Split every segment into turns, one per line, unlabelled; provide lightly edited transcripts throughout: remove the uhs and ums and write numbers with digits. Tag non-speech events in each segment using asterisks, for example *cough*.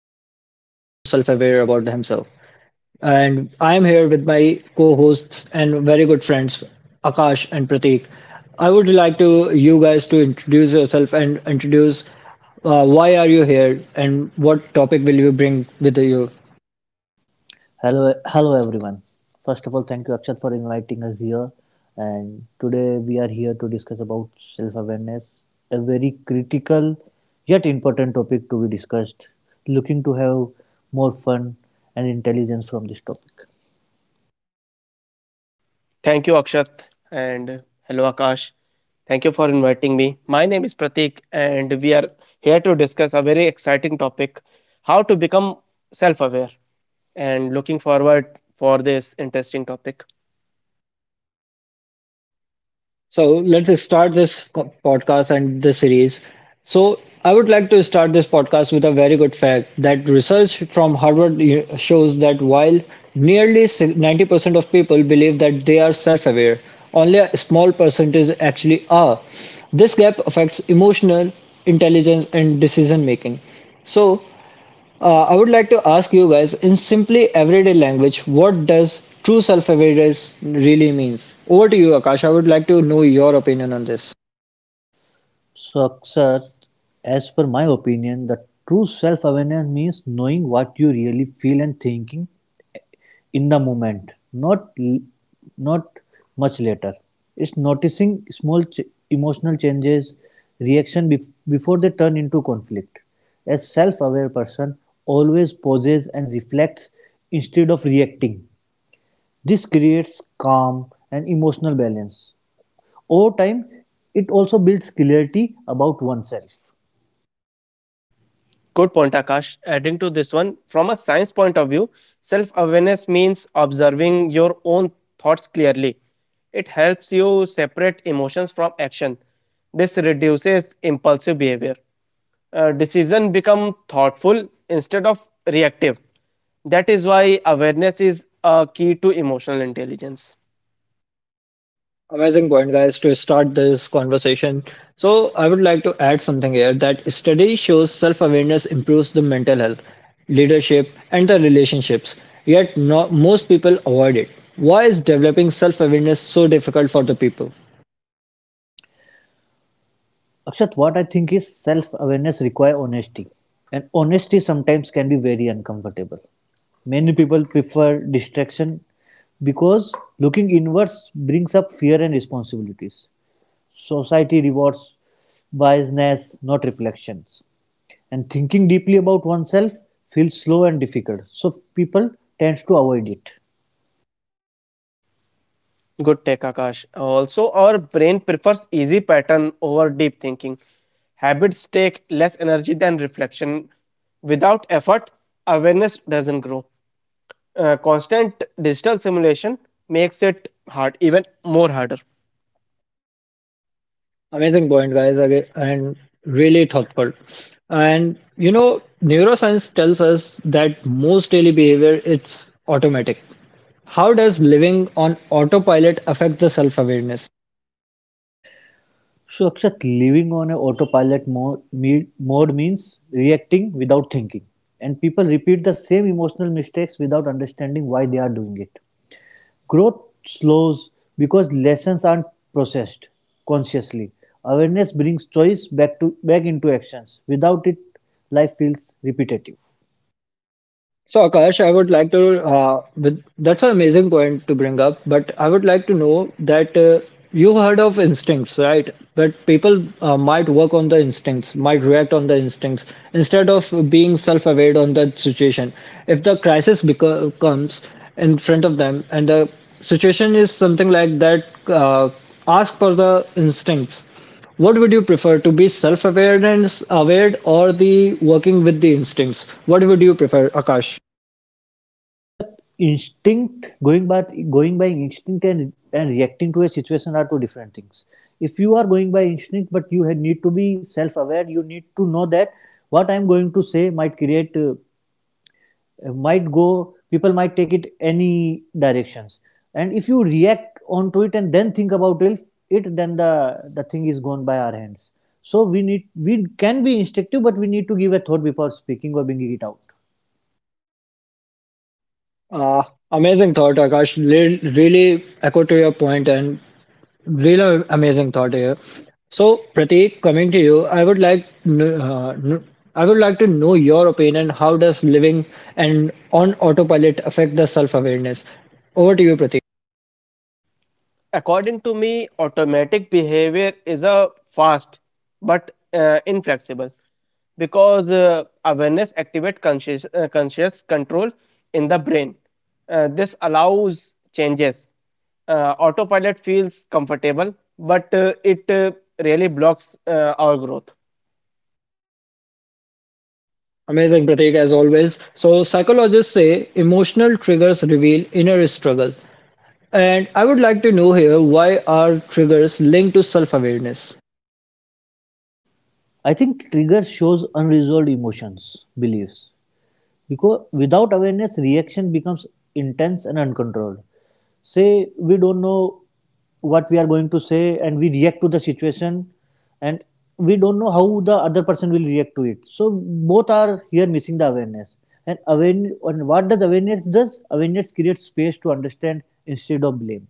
one can become more self-aware about himself. And I am here with my co-hosts and very good friends Akash and Prateek. I would like to you guys to introduce yourself and introduce why are you here and what topic will you bring with you.
Hello, hello everyone. First of all, thank you Akshat for inviting us here. And today we are here to discuss about self-awareness, a very critical yet important topic to be discussed. Looking to have more fun and intelligence from this topic.
Thank you, Akshat, and hello, Akash. Thank you for inviting me. My name is Pratik, and we are here to discuss a very exciting topic: how to become self-aware. And looking forward for this interesting topic.
So let's start this podcast and the series. So I would like to start this podcast with a very good fact that research from Harvard shows that while nearly 90% of people believe that they are self-aware, only a small percentage actually are. This gap affects emotional intelligence and decision making. So I would like to ask you guys in simply everyday language, what does true self-awareness really means? Over to you, Akash. I would like to know your opinion on this.
So Akshat, as per my opinion, the true self-awareness means knowing what you really feel and thinking in the moment, not much later. It's noticing small emotional changes, reaction before they turn into conflict. A self-aware person always pauses and reflects instead of reacting. This creates calm and emotional balance. Over time, it also builds clarity about oneself.
Good point, Akash. Adding to this one, from a science point of view, self awareness means observing your own thoughts clearly. It helps you separate emotions from action. This reduces impulsive behavior. Decision become thoughtful instead of reactive. That is why awareness is a key to emotional intelligence.
Amazing point, guys, to start this conversation. So, I would like to add something here that study shows self awareness improves the mental health, leadership, and the relationships. Yet, no, most people avoid it. Why is developing self awareness so difficult for the people?
Akshat, what I think is self awareness require honesty, and honesty sometimes can be very uncomfortable. Many people prefer distraction because looking inwards brings up fear and responsibilities. Society rewards biasness, not reflections, and thinking deeply about oneself feels slow and difficult. So people tend to avoid it.
Good take, Akash. Also, our brain prefers easy pattern over deep thinking. Habits take less energy than reflection. Without effort, awareness doesn't grow. Constant digital simulation makes it hard, even more harder.
Amazing point, guys, and really thoughtful. And you know, neuroscience tells us that most daily behavior it's automatic. How does living on autopilot affect the self-awareness?
So, Akshat, living on a autopilot mode, mode means reacting without thinking. And people repeat the same emotional mistakes without understanding why they are doing it. Growth slows because lessons aren't processed consciously. Awareness brings choice back to back into actions. Without it, life feels repetitive.
So, Akash, I would like to, with, that's an amazing point to bring up, but I would like to know that you heard of instincts, right? But people might work on the instincts, might react on the instincts instead of being self aware on that situation. If the crisis comes in front of them and the situation is something like that, ask for the instincts. What would you prefer to be self awareness aware or the working with the instincts? What would you prefer, Akash?
Akshat, instinct, going by instinct and reacting to a situation are two different things. If you are going by instinct, but you need to be self-aware, you need to know that what I am going to say might create, might go, people might take it any directions. And if you react onto it and then think about it, then the thing is gone by our hands. So we can be instinctive, but we need to give a thought before speaking or bringing it out.
Uh, amazing thought, Akash. Really echo to your point and really amazing thought here. So, Prateek, coming to you, I would like to know your opinion. How does living and on autopilot affect the self-awareness? Over to you, Prateek.
According to me, automatic behavior is a fast but inflexible because awareness activates conscious control in the brain. This allows changes. Autopilot feels comfortable, but it really blocks our growth.
Amazing, Prateek, as always. So, psychologists say emotional triggers reveal inner struggle, and I would like to know here why are triggers linked to self-awareness?
I think trigger shows unresolved emotions, beliefs. Because without awareness, reaction becomes intense and uncontrolled. Say we don't know what we are going to say and we react to the situation and we don't know how the other person will react to it. So both are here missing the awareness. And awareness, and what does? Awareness creates space to understand instead of blame.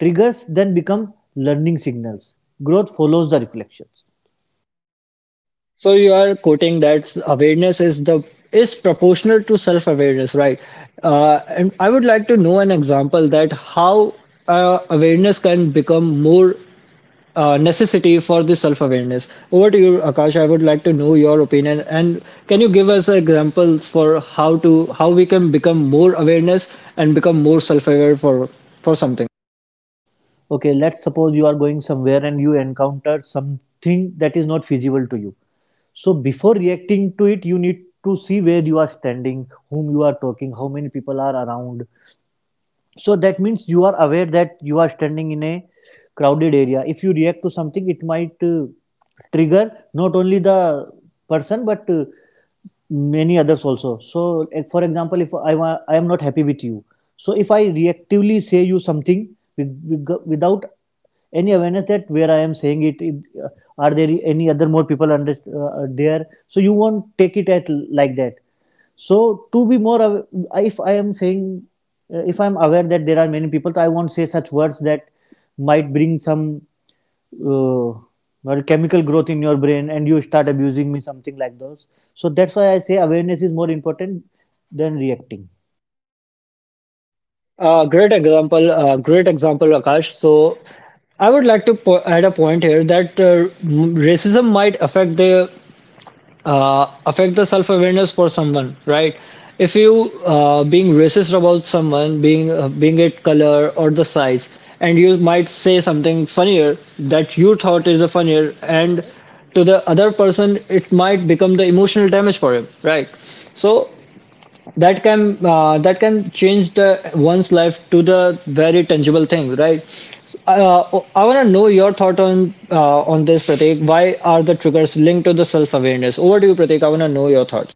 Triggers then become learning signals. Growth follows the reflections.
So you are quoting that awareness is proportional to self-awareness, right? And I would like to know an example that how awareness can become more necessity for the self-awareness. Over to you, Akash. I would like to know your opinion, and can you give us examples for how we can become more awareness and become more self-aware for something?
Okay, let's suppose you are going somewhere and you encounter something that is not feasible to you. So before reacting to it, you need to see where you are standing, whom you are talking, how many people are around. So that means you are aware that you are standing in a crowded area. If you react to something, it might trigger not only the person but many others also. So for example, if I am not happy with you, so if I reactively say you something without any awareness that where I am saying it, it, uh, are there any other more people under there, so you won't take it at like that. So to be more, if I am saying, if I am aware that there are many people, so I won't say such words that might bring some uh, or chemical growth in your brain and you start abusing me, something like those. So that's why I say awareness is more important than reacting.
Great example, Akash. So, I would like to add a point here that racism might affect the self awareness for someone, right? If you being racist about someone, being it color or the size, and you might say something funnier that you thought is a funnier, and to the other person it might become the emotional damage for him, right? So that can change the one's life to the very tangible thing, right? I want to know your thought on this, Prateek. Why are the triggers linked to the self awareness? Over to you, Prateek. I want to know your thoughts.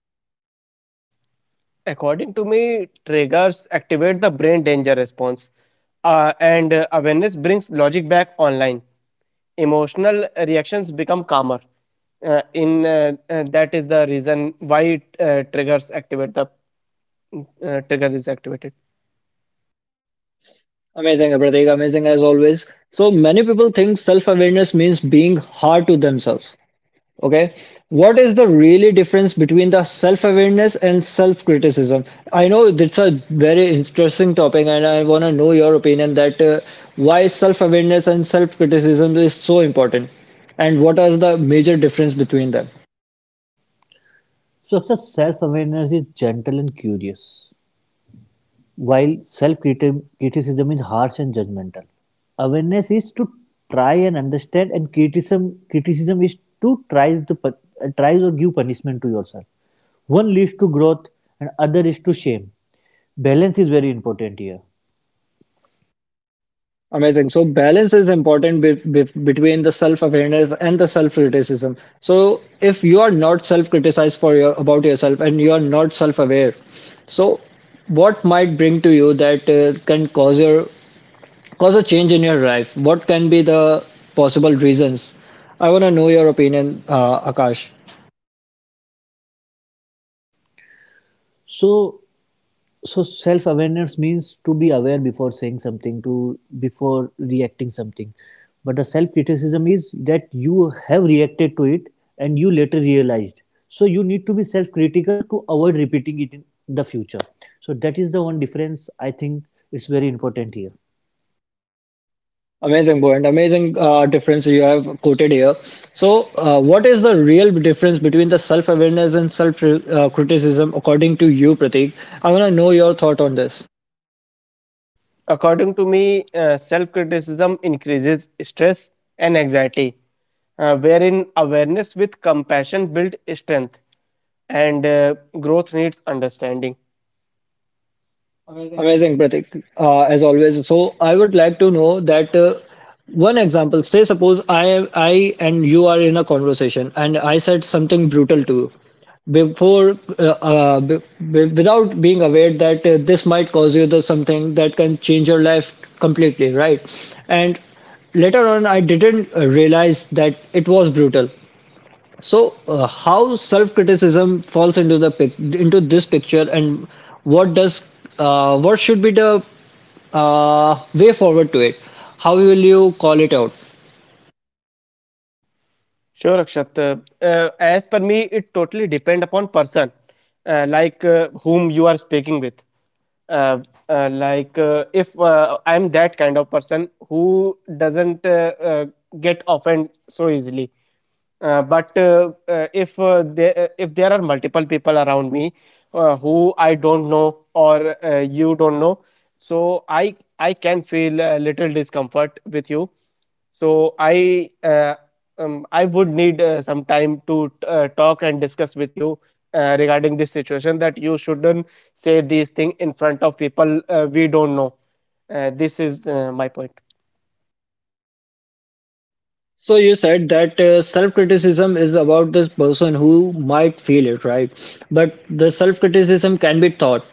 According to me, triggers activate the brain danger response, and awareness brings logic back online. Emotional reactions become calmer. In That is the reason why triggers activate the trigger is activated.
Amazing, Pratik, amazing as always. So many people think self awareness means being hard to themselves. Okay, what is the really difference between the self-awareness and self-criticism? I know it's a very interesting topic, and I want to know your opinion that why self-awareness and self-criticism is so important, and what are the major difference between them?
So, *laughs* so self awareness is gentle and curious, while self criticism is harsh and judgmental. Awareness is to try and understand, and criticism is to try the tries or give punishment to yourself. One leads to growth, and other is to shame. Balance is very important here.
Amazing. So balance is important be between the self-awareness and the self-criticism. So if you are not self-criticized for your about yourself and you are not self-aware, so what might bring to you that can cause your cause a change in your life, what can be the possible reasons? I want to know your opinion, Akash.
So so self awareness means to be aware before saying something, to before reacting something, but the self criticism is that you have reacted to it and you later realized. So you need to be self critical to avoid repeating it in the future. So that is the one difference, I think. It's very important here.
Amazing point, amazing difference you have quoted here. So, what is the real difference between the self awareness and self criticism, according to you, Pratik? I want to know your thought on this.
According to me, self-criticism increases stress and anxiety, wherein awareness with compassion build strength, and growth needs understanding.
Amazing, Pratik, as always. So I would like to know that one example. Say, suppose I and you are in a conversation, and I said something brutal to you before, without being aware that this might cause you the something that can change your life completely, right? And later on, I didn't realize that it was brutal. So, how self-criticism falls into the into this picture, and what does what should be the way forward to it? How will you call it out?
Sure, Akshat. As per me, it totally depend upon person, whom you are speaking with. Uh, if I'm that kind of person who doesn't get offended so easily, but if there if there are multiple people around me who I don't know or you don't know, so I can feel a little discomfort with you. So I would need some time to talk and discuss with you regarding this situation that you shouldn't say these things in front of people we don't know. This is my point.
So you said that self-criticism is about this person who might feel it, right? But the self-criticism can be thought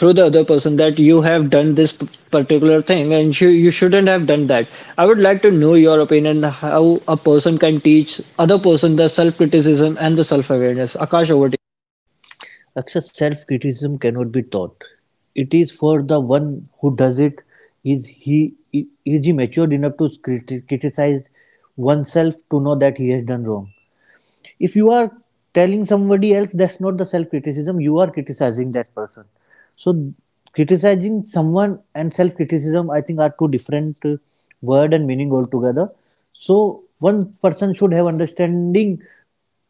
through the other person that you have done this particular thing and you shouldn't have done that. I would like to know your opinion, how a person can teach other person the self criticism and the self awareness, Akash? Over to
Akshat, self criticism cannot be taught. It is for the one who does it. Is he matured enough to criticize oneself, to know that he has done wrong? If you are telling somebody else, that's not the self criticism, you are criticizing that person. So criticizing someone and self criticism, I think, are two different word and meaning altogether. So one person should have understanding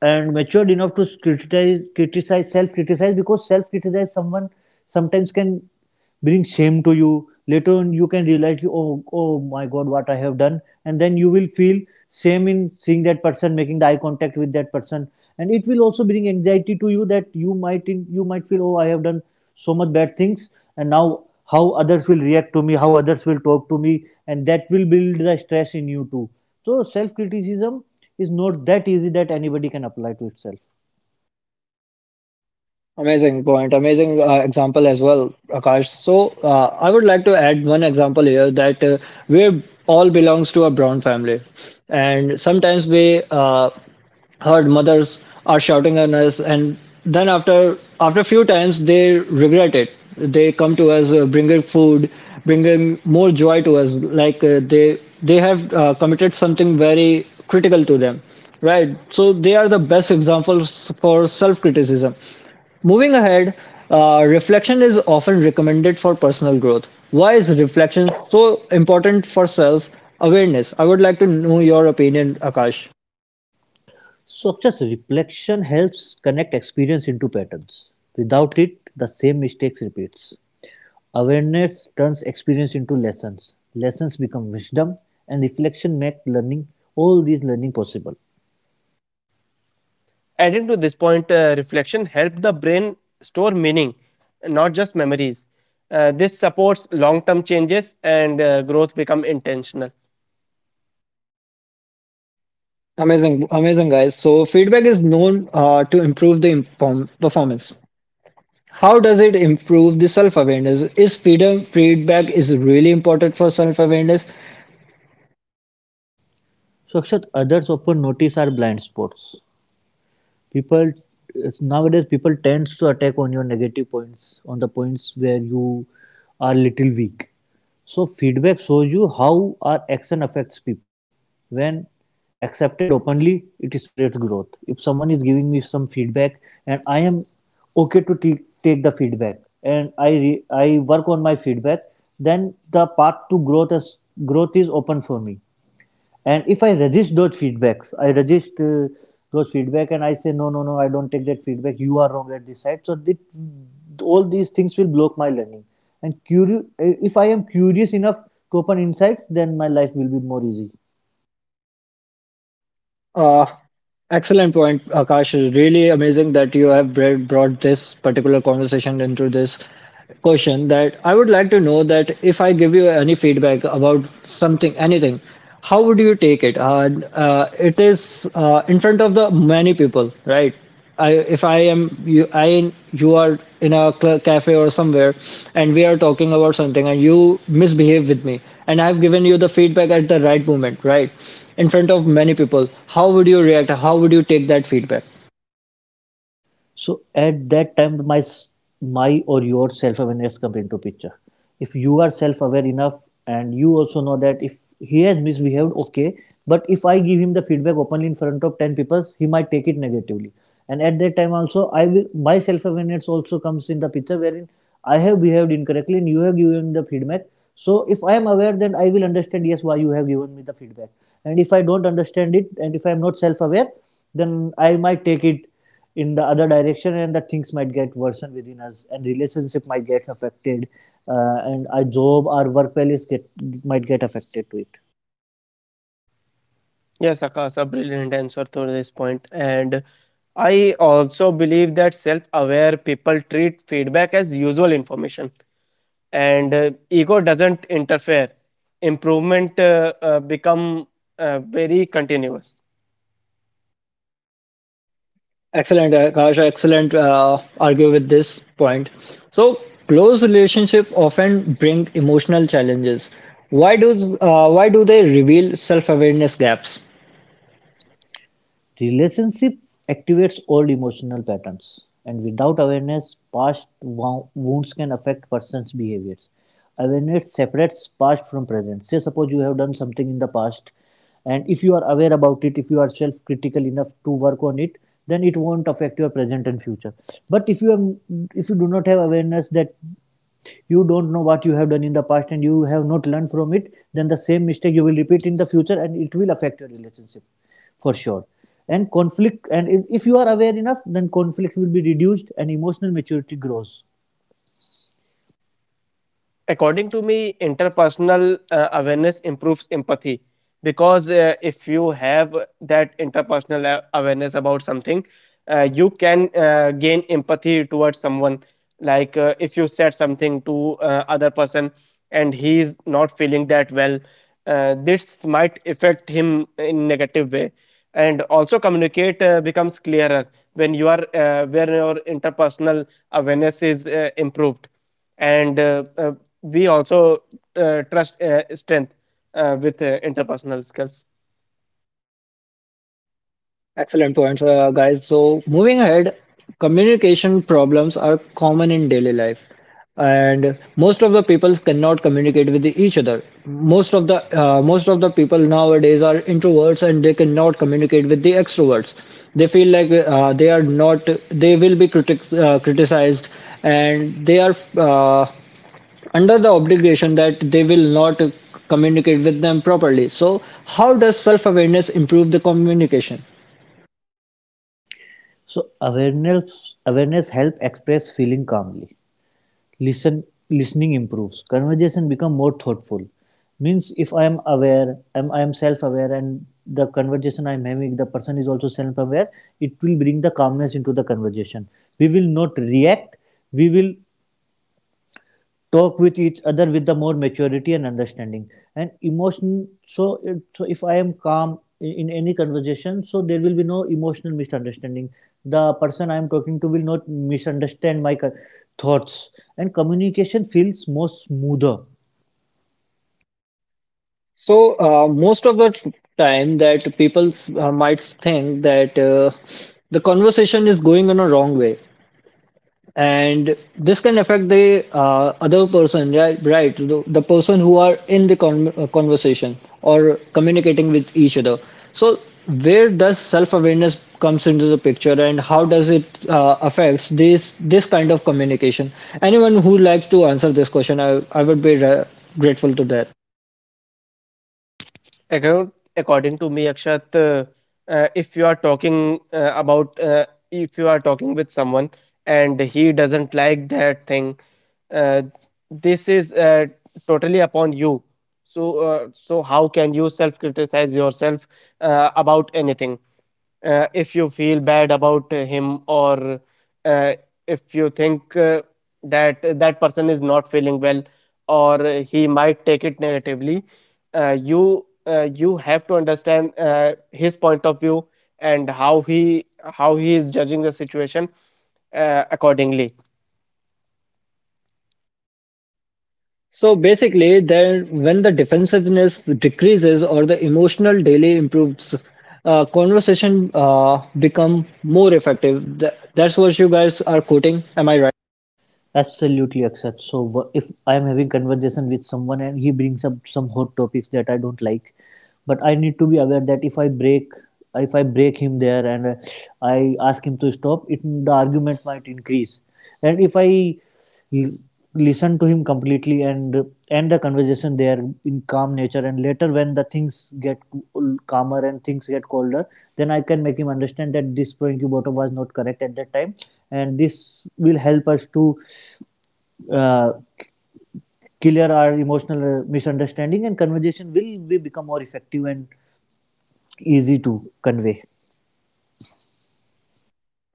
and matured enough to criticize criticize self criticize because self criticize someone sometimes can bring shame to you. Later on, you can realize, oh, oh my God, what I have done, and then you will feel shame in seeing that person, making the eye contact with that person, and it will also bring anxiety to you that you might feel, oh, I have done so much bad things, and now how others will react to me, how others will talk to me, and that will build the stress in you too. So self criticism is not that easy that anybody can apply to itself.
you. Amazing point, amazing example as well, Akash. So I would like to add one example here that we all belongs to a brown family, and sometimes we uh, heard mothers are shouting at us, and then after a few times they regret it. They come to us, bringing food, bringing more joy to us, like they have committed something very critical to them, right? So they are the best examples for self criticism. Moving ahead, reflection is often recommended for personal growth. Why is reflection so important for self awareness? I would like to know your opinion, Akash.
Such reflection helps connect experience into patterns. Without it, the same mistakes repeats. Awareness turns experience into lessons. Lessons become wisdom, and reflection makes learning all these learning possible.
Adding to this point, reflection helps the brain store meaning, not just memories. This supports long-term changes and growth become intentional.
Amazing, amazing guys. So feedback is known to improve the performance. How does it improve the self-awareness? Is freedom feedback is really important for self-awareness?
So, Akshat, others often notice our blind spots. People nowadays people tends to attack on your negative points, on the points where you are little weak. So feedback shows you how our action affects people. When accepted openly, it spreads growth. If someone is giving me some feedback and I am okay to take the feedback, and I I work on my feedback, then the path to growth is open for me. And if I resist those feedbacks, I resist those feedback and I say no, no, no, I don't take that feedback, you are wrong at this side, so that all these things will block my learning. And curious, if I am curious enough to open insights, then my life will be more easy.
Uh, excellent point, Akash. Really amazing that you have brought this particular conversation into this question. That I would like to know that if I give you any feedback about something, anything, how would you take it? It is in front of the many people, right? If I am you, I you are in a cafe or somewhere, and we are talking about something, and you misbehave with me, and I've given you the feedback at the right moment, right, in front of many people, how would you react? How would you take that feedback?
So at that time, my or your self awareness comes into picture. If you are self aware enough, and you also know that if he has misbehaved, okay. But if I give him the feedback openly in front of ten people, he might take it negatively. And at that time also, my self awareness also comes in the picture wherein I have behaved incorrectly and you have given the feedback. So if I am aware, then I will understand yes why you have given me the feedback. And if I don't understand it, and if I am not self aware, then I might take it in the other direction and the things might get worsened within us and relationship might get affected, and our job our work values get might get affected to it.
Yes, Akash, a brilliant answer to this point. And I also believe that self aware people treat feedback as usual information and ego doesn't interfere. Improvement become very continuous.
Excellent, Akash. Excellent. Argue with this point. So close relationship often bring emotional challenges. Why do they reveal self awareness gaps?
Relationship activates old emotional patterns, and without awareness, past wounds can affect person's behaviors. Awareness separates past from present. Say, suppose you have done something in the past, and if you are aware about it, if you are self critical enough to work on it, then it won't affect your present and future. But if you do not have awareness, that you don't know what you have done in the past and you have not learned from it, then the same mistake you will repeat in the future and it will affect your relationship for sure. and conflict and if- you are aware enough, then conflict will be reduced and emotional maturity grows.
According to me, interpersonal awareness improves empathy because if you have that interpersonal awareness about something, you can gain empathy towards someone, like if you said something to other person and he is not feeling that well, this might affect him in negative way. And also communicate becomes clearer when you are when your interpersonal awareness is improved, and we also trust strength with interpersonal skills.
Excellent points, guys. So, moving ahead, communication problems are common in daily life, and most of the people cannot communicate with each other. Most of the people nowadays are introverts, and they cannot communicate with the extroverts. They feel like they are not. They will be criticized, and they are under the obligation that they will not communicate with them properly. So, how does self-awareness improve the communication?
So awareness help express feeling calmly. Listen listening improves, conversation become more thoughtful. Means if I am aware am I am self aware and the conversation I'm having, the person is also self aware, it will bring the calmness into the conversation. We will not react. We will talk with each other with the more maturity and understanding and emotion. So so if I am calm in any conversation, so there will be no emotional misunderstanding. The person I am talking to will not misunderstand my thoughts, and communication feels more smoother.
So, most of the time that people might think that the conversation is going in a wrong way, and this can affect the other person, right? Right, the person who are in the conversation or communicating with each other. So, where does self-awareness comes into the picture, and how does it affects this kind of communication? Anyone who likes to answer this question, I would be grateful to that.
According according to me, Akshat, if you are talking about if you are talking with someone and he doesn't like that thing, uh, this is totally upon you. So, so how can you self-criticize yourself about anything? If you feel bad about him, or uh, if you think that that person is not feeling well, or he might take it negatively, you have to understand his point of view and how he is judging the situation accordingly.
So basically, then when the defensiveness decreases or the emotional delay improves, conversation become more effective. That's what you guys are quoting. Am I right?
Absolutely, accept. So if I am having conversation with someone and he brings up some hot topics that I don't like, but I need to be aware that if I break him there and I ask him to stop, it the argument might increase. And if I l- listen to him completely and end the conversation there in calm nature, and later when the things get calmer and things get colder, then I can make him understand that this point you brought up was not correct at that time, and this will help us to uh, clear our emotional misunderstanding and conversation will be become more effective and easy to convey.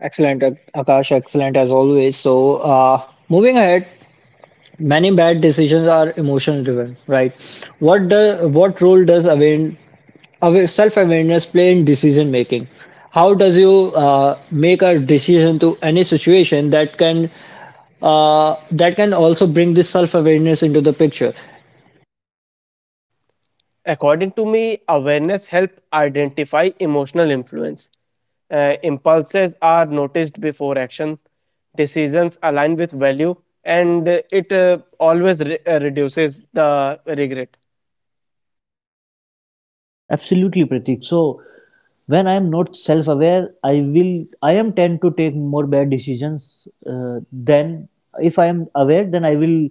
Excellent, Akash. Excellent as always. So moving ahead, many bad decisions are emotion driven, right? What role does aware self awareness play in decision making? How does you make a decision to any situation that can also bring this self awareness into the picture?
According to me, awareness helps identify emotional influence. Impulses are noticed before action, decisions align with value, and it always reduces the regret.
Absolutely, Pratik. So when I am not self-aware, I am tend to take more bad decisions than if I am aware. Then I will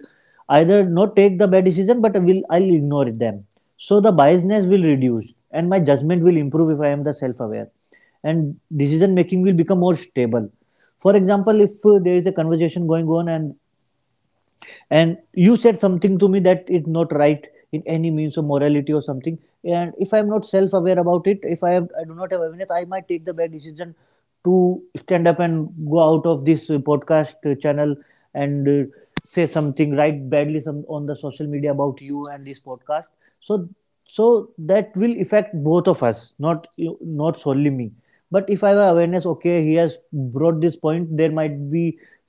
either not take the bad decision, but I'll ignore them. So the biasness will reduce, and my judgment will improve if I am the self-aware, and decision making will become more stable. For example, if there is a conversation going on and you said something to me that it's not right in any means of morality or something. And if I'm not self aware about it, if I do not have awareness, I might take the bad decision to stand up and go out of this podcast channel and say something, write badly some on the social media about you and this podcast. So so that will affect both of us, not not solely me. But if I have awareness, okay, he has brought this point, there might be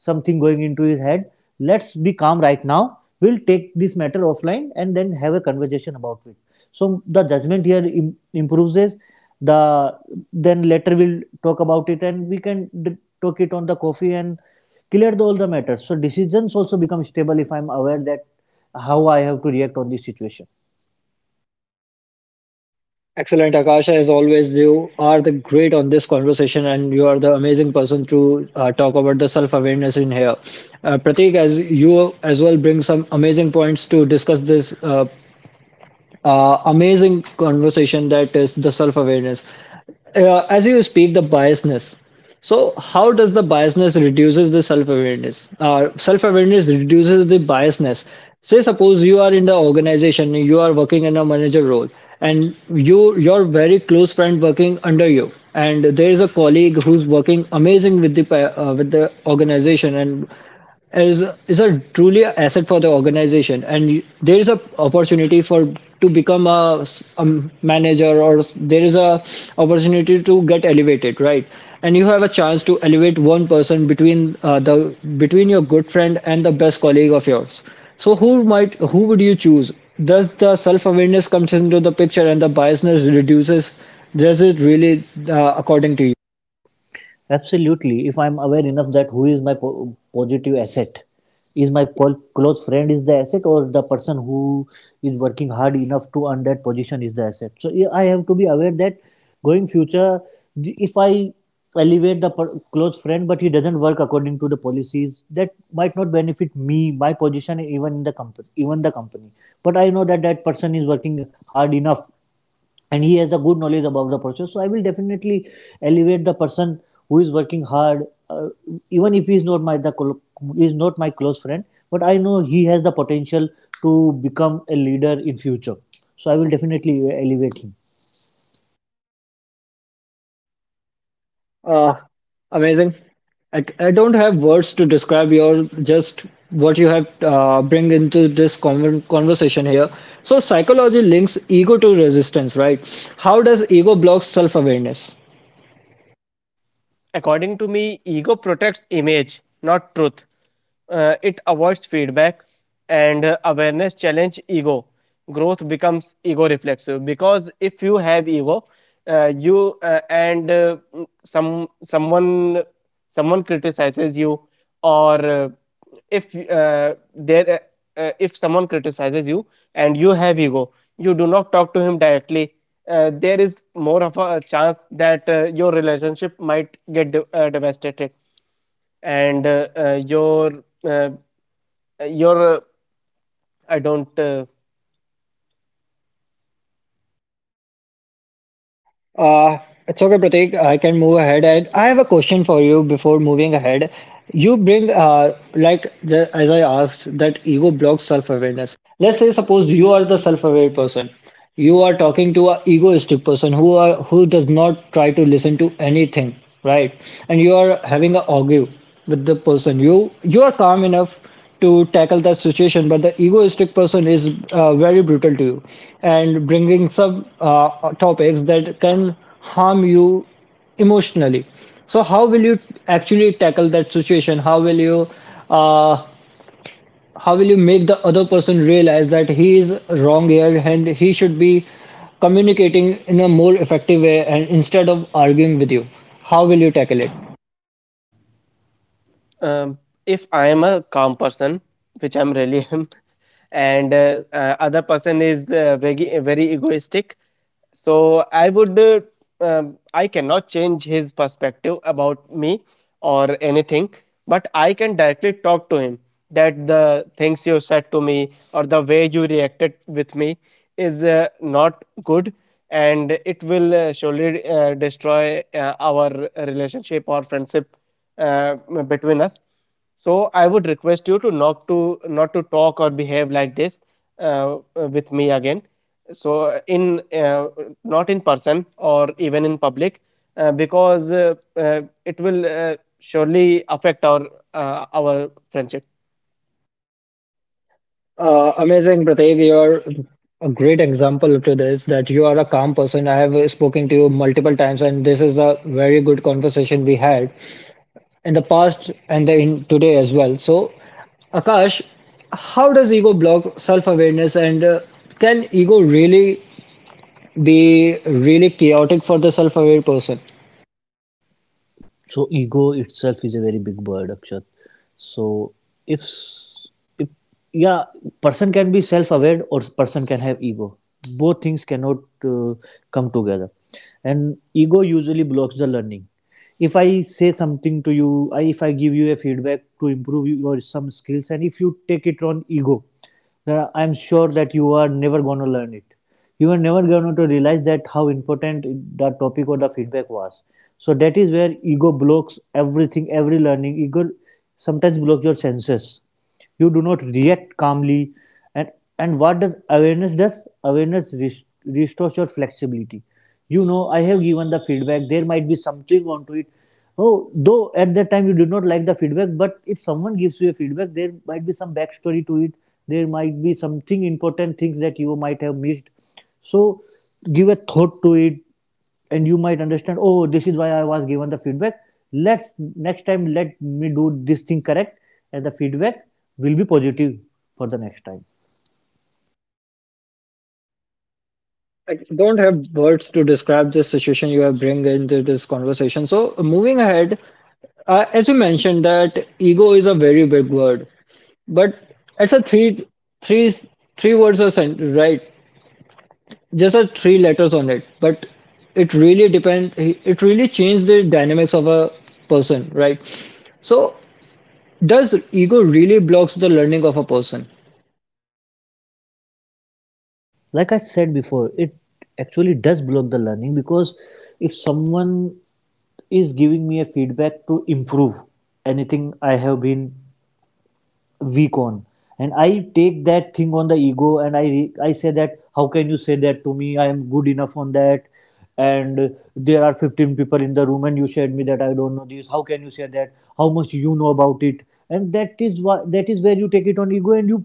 something going into his head. Let's be calm right now. We'll take this matter offline and then have a conversation about it. So the judgment here improves is the, then later we'll talk about it, and we can talk it on the coffee and clear all the matters. So decisions also become stable if I'm aware that how I have to react on this situation.
Excellent, Akasha. As always, you are the great on this conversation, and you are the amazing person to talk about the self awareness in here. Pratik, as you as well bring some amazing points to discuss this uh, amazing conversation that is the self awareness. As you speak, the biasness. So, how does the biasness reduces the self awareness? Self awareness reduces the biasness. Say, suppose you are in the organization, you are working in a manager role, and your very close friend working under you, and there is a colleague who's working amazing with the with the organization and is is a truly a asset for the organization and there is a opportunity for to become a manager or there is a opportunity to get elevated, right? And you have a chance to elevate one person between the between your good friend and the best colleague of yours. So who would you choose? Does the self awareness comes into the picture and the biasness reduces? Does it really, according to you?
Absolutely. If I'm aware enough that who is my positive asset, is my close friend is the asset, or the person who is working hard enough to earn that position is the asset. So yeah, I have to be aware that going future, if I elevate the close friend, but he doesn't work according to the policies, that might not benefit me, my position, even in the company, even the company. But I know that that person is working hard enough and he has a good knowledge about the process, so I will definitely elevate the person who is working hard, even if he is not my he is not my close friend, but I know he has the potential to become a leader in future. So I will definitely elevate him.
Uh, Amazing. I don't have words to describe your just what you have bring into this conversation here. So psychology links ego to resistance, right? How does ego block self-awareness?
According to me, ego protects image, not truth. It avoids feedback and awareness challenge ego. Growth becomes ego reflexive because if you have ego, you and some someone someone criticizes you, or if someone criticizes you and you have ego, you do not talk to him directly. There is more of a chance that your relationship might get devastated and uh, your I don't
Uh, it's okay, Pratik. I can move ahead. And I have a question for you before moving ahead. You bring, like the, as I asked, that ego blocks self-awareness. Let's say suppose you are the self-aware person. You are talking to a egoistic person who does not try to listen to anything, right? And you are having a argue with the person. You are calm enough to tackle that situation, but the egoistic person is very brutal to you and bringing some topics that can harm you emotionally. So how will you actually tackle that situation? How will you uh, how will you make the other person realize that he is wrong here and he should be communicating in a more effective way, and instead of arguing with you, how will you tackle it?
Um, if I am a calm person, which I'm really *laughs* am, and other person is very very egoistic, so I would I cannot change his perspective about me or anything, but I can directly talk to him that the things you said to me or the way you reacted with me is not good, and it will surely destroy our relationship or friendship uh, between us. So I would request you to not to talk or behave like this uh, with me again. So in not in person or even in public, because it will surely affect our our friendship.
Amazing, Prateek. You're a great example to this that you are a calm person. I have spoken to you multiple times, and this is a very good conversation we had in the past and the, in today as well. So, Akash, how does ego block self-awareness, and can ego really be really chaotic for the self-aware person?
So ego itself is a very big word, Akshat. So if if yeah, person can be self-aware or person can have ego. Both things cannot uh, come together, and ego usually blocks the learning. If I say something to you, if I give you a feedback to improve your some skills, and if you take it on ego, now, I'm sure that you are never going to learn it. You are never going to realize that how important the topic or the feedback was. So that is where ego blocks everything, every learning. Ego sometimes blocks your senses. You do not react calmly and and what does awareness does, awareness restores your flexibility. You know, I have given the feedback, there might be something onto it. Oh, though at that time you did not like the feedback, but if someone gives you a feedback, there might be some backstory to it. There might be something important things that you might have missed. So give a thought to it, and you might understand, oh, this is why I was given the feedback. Let's next time let me do this thing correct, and the feedback will be positive for the next time.
I don't have words to describe the situation you have bring into this conversation. So moving ahead, as you mentioned that ego is a very big word. But it's a three, three words or sentence, right? Just a three letters on it. But it really depend. It really changed the dynamics of a person, right? So does ego really blocks the learning of a person?
Like I said before, it actually does block the learning, because if someone is giving me a feedback to improve anything I have been weak on, and I take that thing on the ego and I say that how can you say that to me, I am good enough on that. And there are 15 people in the room and you said me that I don't know this, how can you say that how much you know about it. And that is where you take it on ego, and you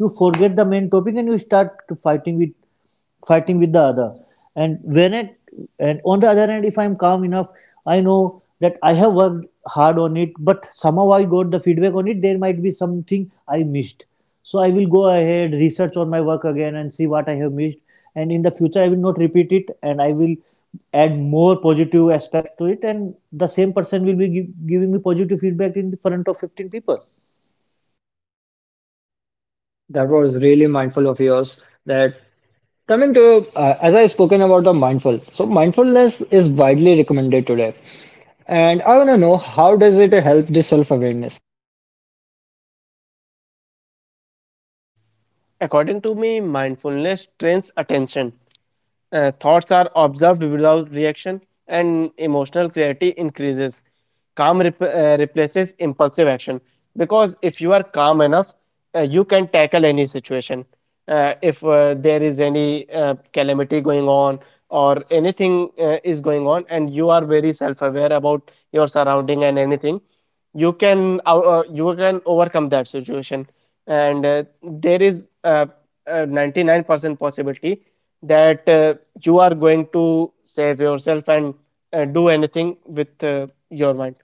you forget the main topic and you start fighting with fighting with the other. And when it and on the other hand, if I'm calm enough, I know that I have worked hard on it, but somehow I got the feedback on it, there might be something I missed. So I will go ahead, research on my work again, and see what I have missed. And in the future I will not repeat it, and I will add more positive aspects to it, and the same person will be giving me positive feedback in front of 15 people.
That was really mindful of yours. That coming to as I spoken about the mindful. So mindfulness is widely recommended today, and I want to know how does it help the self awareness?
According to me, mindfulness trains attention. Thoughts are observed without reaction and emotional clarity increases. Calm replaces impulsive action, because if you are calm enough, you can tackle any situation. If there is any calamity going on or anything is going on and you are very self aware about your surrounding and anything, you can overcome that situation. And there is a 99% possibility that you are going to save yourself and do anything with your mind.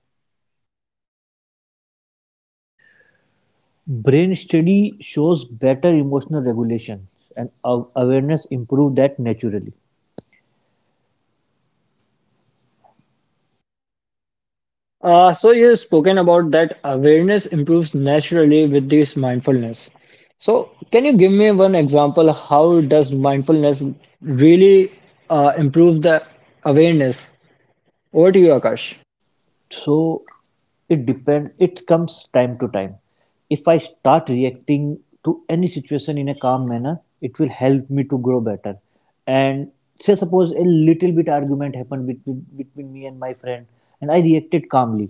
Brain study shows better emotional regulation and awareness improve that naturally.
So you have spoken about that awareness improves naturally with this mindfulness. So can you give me one example? How does mindfulness really improve the awareness? Over to you, Akash.
So it depends, it comes time to time. If I start reacting to any situation in a calm manner, it will help me to grow better. And say suppose a little bit argument happened between me and my friend, and I reacted calmly.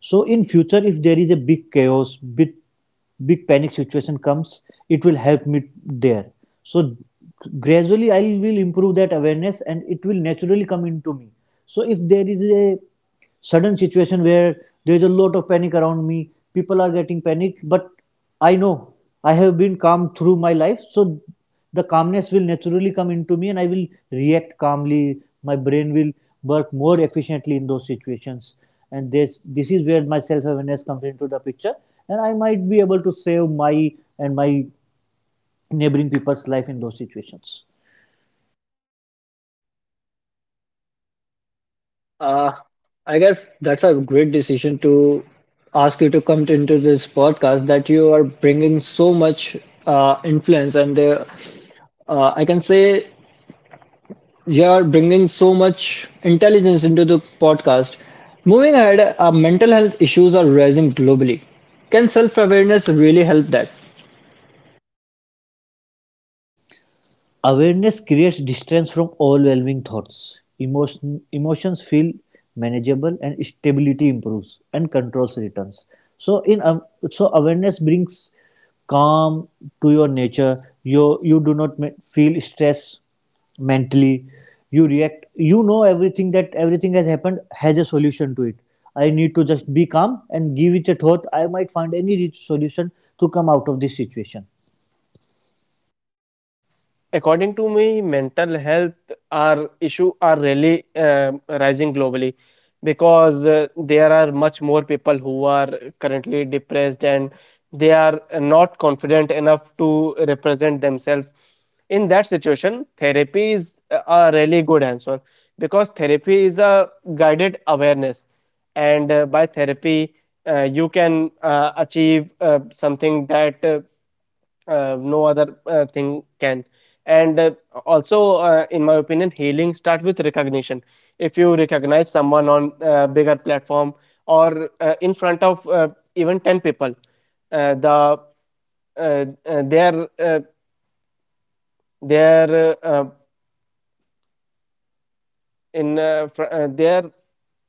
So in future, if there is a big chaos, big panic situation comes, it will help me there. So gradually I will improve that awareness and it will naturally come into me. So if there is a sudden situation where there's a lot of panic around me, people are getting panicked, but I know I have been calm through my life, so the calmness will naturally come into me and I will react calmly. My brain will work more efficiently in those situations, and this is where my self awareness comes into the picture, and I might be able to save my neighboring people's life in those situations.
Uh, I guess that's a great decision to ask you to into this podcast that you are bringing so much influence and the, I can say you are bringing so much intelligence into the podcast. Moving ahead, mental health issues are rising globally. Can self awareness really help that?
Awareness creates distance from overwhelming thoughts. Emotions feel manageable, and stability improves, and controls returns. So in so awareness brings calm to your nature. You do not feel stress mentally. You react. You know everything, that everything has happened has a solution to it. I need to just be calm and give it a thought. I might find any solution to come out of this situation.
According to me, mental health are issue are really rising globally because there are much more people who are currently depressed and they are not confident enough to represent themselves. In that situation, therapy is a really good answer, because therapy is a guided awareness, and by therapy, you can achieve something that no other thing can. And also in my opinion, healing start with recognition. If you recognize someone on a bigger platform or in front of even 10 people, the uh, their uh, their in fr- their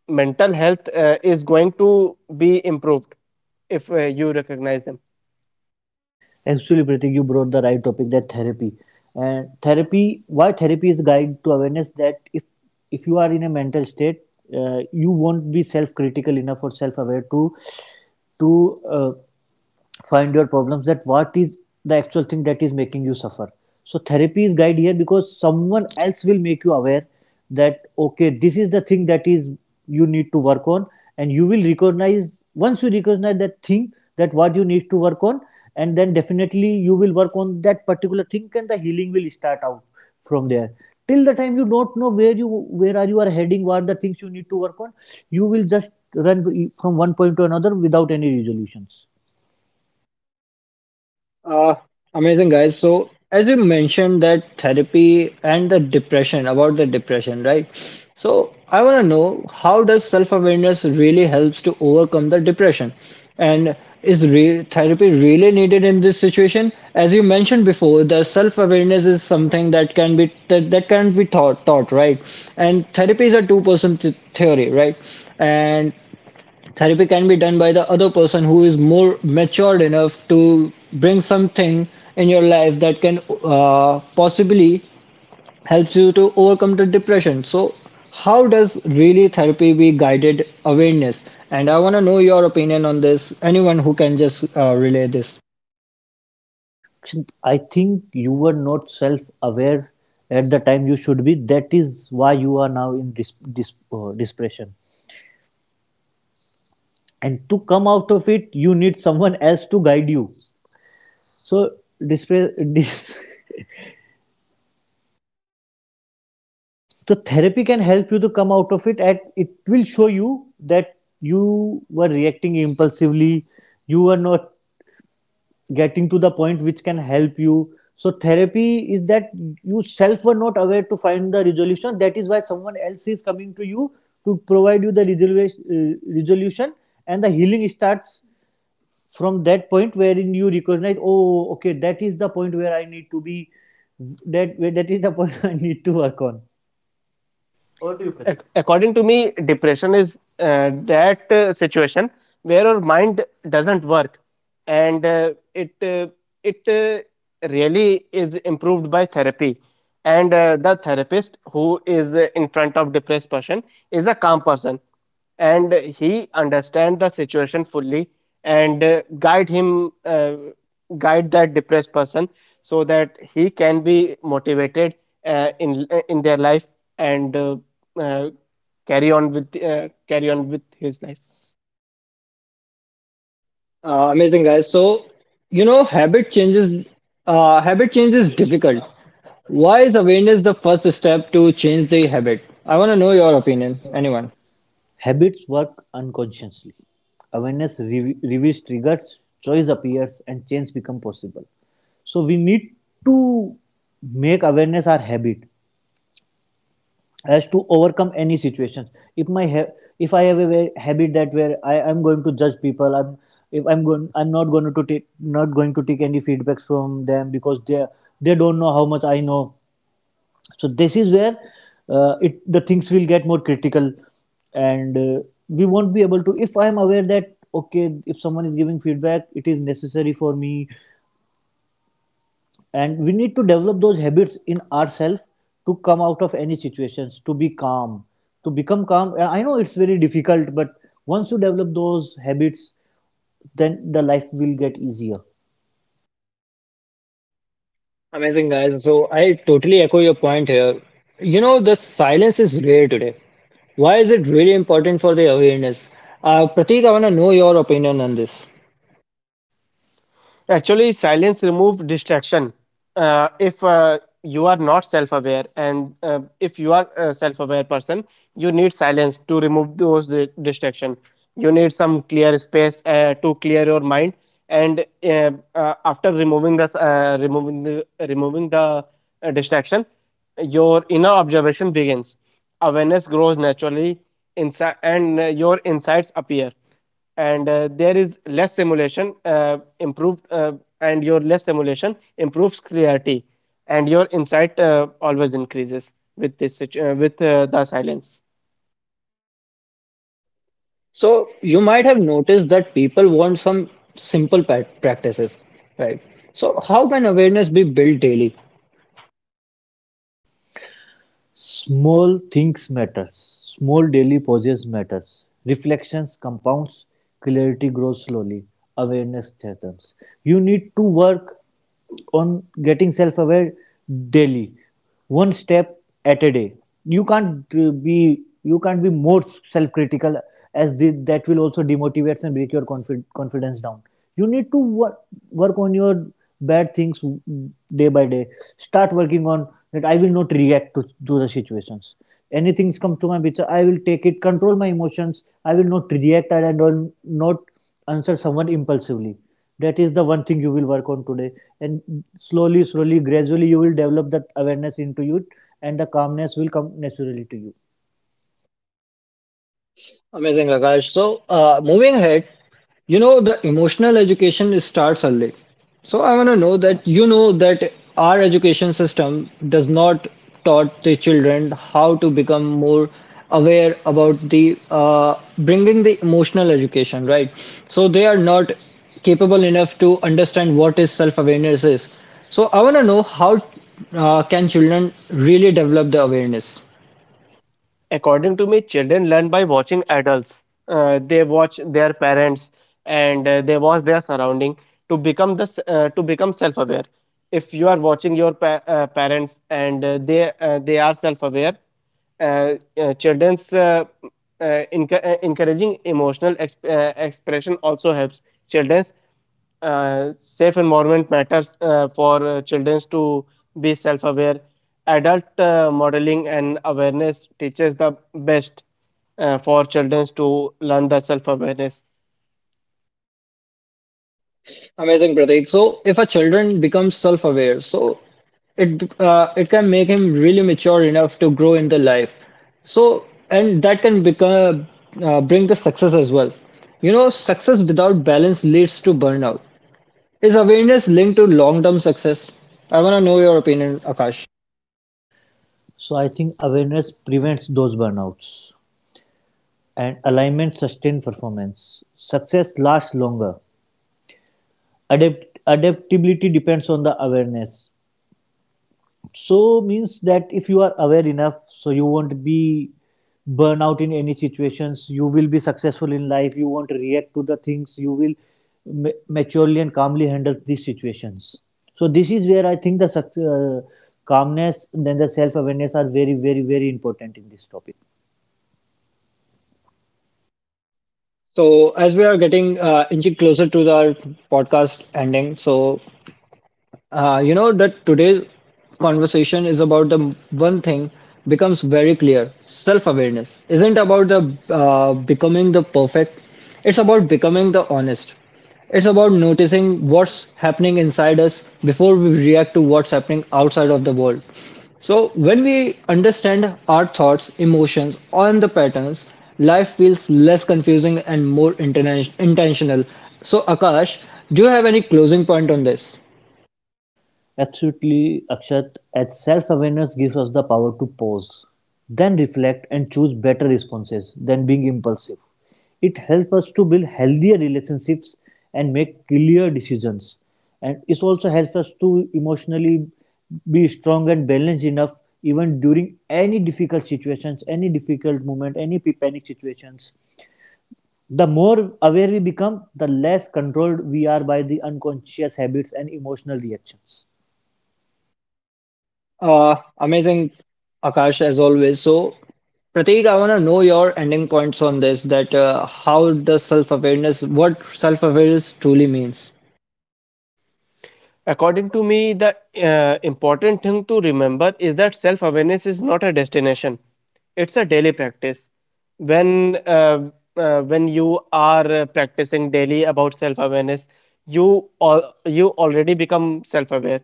mental health is going to be improved if you recognize them.
Actually, Pratik, you brought the right topic, that therapy. And therapy, why therapy is a guide to awareness, that if you are in a mental state, you won't be self critical enough or self aware to to uh, find your problems, that what is the actual thing that is making you suffer. So therapy is guide here, because someone else will make you aware that okay, this is the thing that is, you need to work on. And you will recognize, once you recognize that thing, that what you need to work on, and then definitely you will work on that particular thing and the healing will start out from there. Till the time you don't know where are you are heading, what are the things you need to work on, you will just run from one point to another without any resolutions.
Uh, Amazing guys. So as you mentioned that therapy and the depression, about the depression, right? So I want to know how does self-awareness really helps to overcome the depression? And is re therapy really needed in this situation? As you mentioned before, the self-awareness is something that can be that, that can be taught, right? And therapy is a two-person th theory, right? And therapy can be done by the other person who is more matured enough to bring something in your life that can possibly helps you to overcome the depression. So, how does really therapy be guided awareness? And I want to know your opinion on this. Anyone who can just relay this.
I think you were not self-aware at the time you should be. That is why you are now in depression. And to come out of it, you need someone else to guide you. So, dispre- dis- *laughs* so therapy can help you to come out of it, and it will show you that you were reacting impulsively. You were not getting to the point which can help you. So therapy is that you self were not aware to find the resolution, that is why someone else is coming to you to provide you the resolution, resolution. And the healing starts from that point wherein you recognize, oh okay, that is the point where I need to be, that that is the point *laughs* I need to work on.
Over to you, Prithvi. According to me, depression is that situation where our mind doesn't work, and it really is improved by therapy. And the therapist who is in front of depressed person is a calm person, and he understand the situation fully, and guide that depressed person so that he can be motivated in their life, and uh, carry on with his life.
Amazing guys. So, you know, habit changes. Habit change is difficult. Why is awareness the first step to change the habit? I want to know your opinion. Anyone?
Habits work unconsciously. Awareness reveals triggers, choice appears, and change becomes possible. So we need to make awareness our habit as to overcome any situations. If my if I have a habit that where I am going to judge people, I'm if I'm going, I'm not going to take, not going to take any feedbacks from them, because they don't know how much I know. So this is where it, the things will get more critical, and we won't be able to. If I am aware that okay, if someone is giving feedback, it is necessary for me, and we need to develop those habits in ourselves to come out of any situations, to be calm, to become calm. I know it's very difficult, but once you develop those habits, then the life will get easier.
Amazing, guys. So I totally echo your point here. You know, the silence is rare today. Why is it really important for the awareness? Pratik, I want to know your opinion on this.
Actually, silence removes distraction. If you are not self-aware, and if you are a self-aware person, you need silence to remove those distraction. You need some clear space to clear your mind, and after removing the distraction, your inner observation begins. Awareness grows naturally, inside, and your insights appear, and there is less simulation improved, and your less simulation improves clarity, and your insight always increases with the silence.
So you might have noticed that people want some simple practices, right? So how can awareness be built daily?
Small things matters. Small daily pauses matters. Reflections compounds. Clarity grows slowly. Awareness strengthens. You need to work on getting self-aware daily, one step at a day. You can't be you can't be more self-critical, as the, that will also demotivate and break your confidence down. You need to work on your bad things day by day. Start working on that, I will not to the situations. Anything comes to my picture, I will take it, control my emotions, I will not react, and I will not answer someone impulsively. That is the one thing you will work on today. And slowly slowly gradually you will develop that awareness into you, and the calmness will come naturally to you.
Amazing, Akash. So, moving ahead, you know, the emotional education is starts early. So, I want to know that you know that our education system does not taught the children how to become more aware about the bringing the emotional education, right? So, they are not capable enough to understand what is self-awareness is. So, I want to know how can children really develop the awareness?
According to me, children learn by watching adults. They watch their parents and they watch their surrounding to become this to become self-aware. If you are watching your parents and they they are self-aware, uh, uh, children's uh, uh, encouraging emotional expression also helps children. Safe environment matters for children to be self-aware. Adult modeling and awareness teaches the best for children to learn the self-awareness.
Amazing, Pratik. So, if a children becomes self-aware, so it it can make him really mature enough to grow in the life. So, and that can become bring the success as well. You know, success without balance leads to burnout. Is awareness linked to long-term success? I want to know your opinion, Akash.
So I think awareness prevents those burnouts and alignment sustains performance. Success lasts longer. Adaptability depends on the awareness. So means that if you are aware enough, so you won't be burn out in any situations. You will be successful in life. You won't react to the things. You will maturely and calmly handle these situations. So this is where I think the calmness, then the self awareness are very, very, very important in this topic.
So, as we are getting inching closer to our podcast ending, so you know that today's conversation is about the one thing becomes very clear. Self-awareness isn't about the becoming the perfect. It's about becoming the honest. It's about noticing what's happening inside us before we react to what's happening outside of the world. So when we understand our thoughts, emotions, and the patterns, life feels less confusing and more intentional. So Akash, do you have any closing point on this?
Absolutely, Akshat, as self-awareness gives us the power to pause, then reflect and choose better responses than being impulsive. It helps us to build healthier relationships and make clear decisions. And it also helps us to emotionally be strong and balanced enough even during any difficult situations, any difficult moment, any panic situations. The more aware we become, the less controlled we are by the unconscious habits and emotional reactions.
Amazing, Akash, as always. So, Prateek, I want to know your ending points on this that how does self awareness, what self awareness truly means?
According to me, the important thing to remember is that self awareness is not a destination, it's a daily practice. When, uh, when you are practicing daily about self awareness, you already become self aware.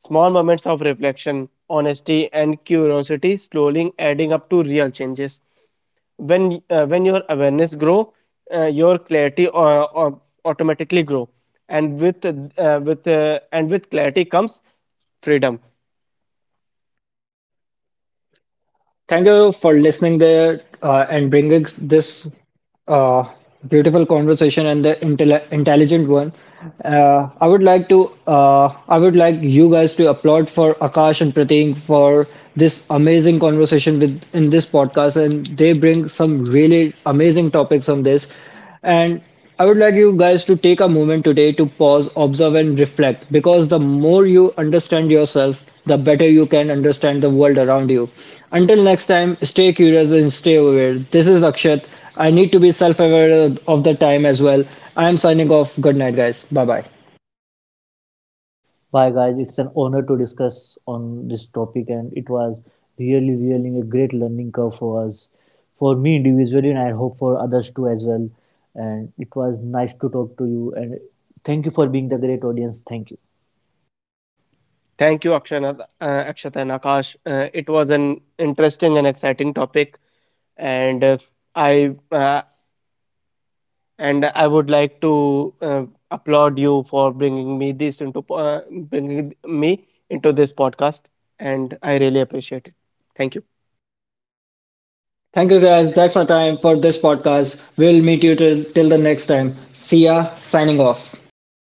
Small moments of reflection, honesty, and curiosity slowly adding up to real changes. When your awareness grow, your clarity automatically grow, and with clarity comes freedom.
Thank you for listening there and bringing this uh, beautiful conversation and the intelligent one. I would like to I would like you guys to applaud for Akash and Pratik for this amazing conversation with in this podcast, and they bring some really amazing topics on this. And I would like you guys to take a moment today to pause, observe, and reflect because the more you understand yourself, the better you can understand the world around you. Until next time, stay curious and stay aware. This is Akshat. I need to be self aware of the time as well. I am signing off. Good night, guys. Bye bye.
Bye, guys. It's an honor to discuss on this topic, and it was really, really a great learning curve for us, for me individually, and I hope for others too as well. And it was nice to talk to you. And thank you for being the great audience. Thank you.
Thank you akshana uh, Akshat and Akash, it was an interesting and exciting topic, and I and I would like to uh, applaud you for bringing me into this podcast, and I really appreciate it. Thank you.
Thank you, guys. That's our time for this podcast. We'll meet you till the next time. See ya. Signing off.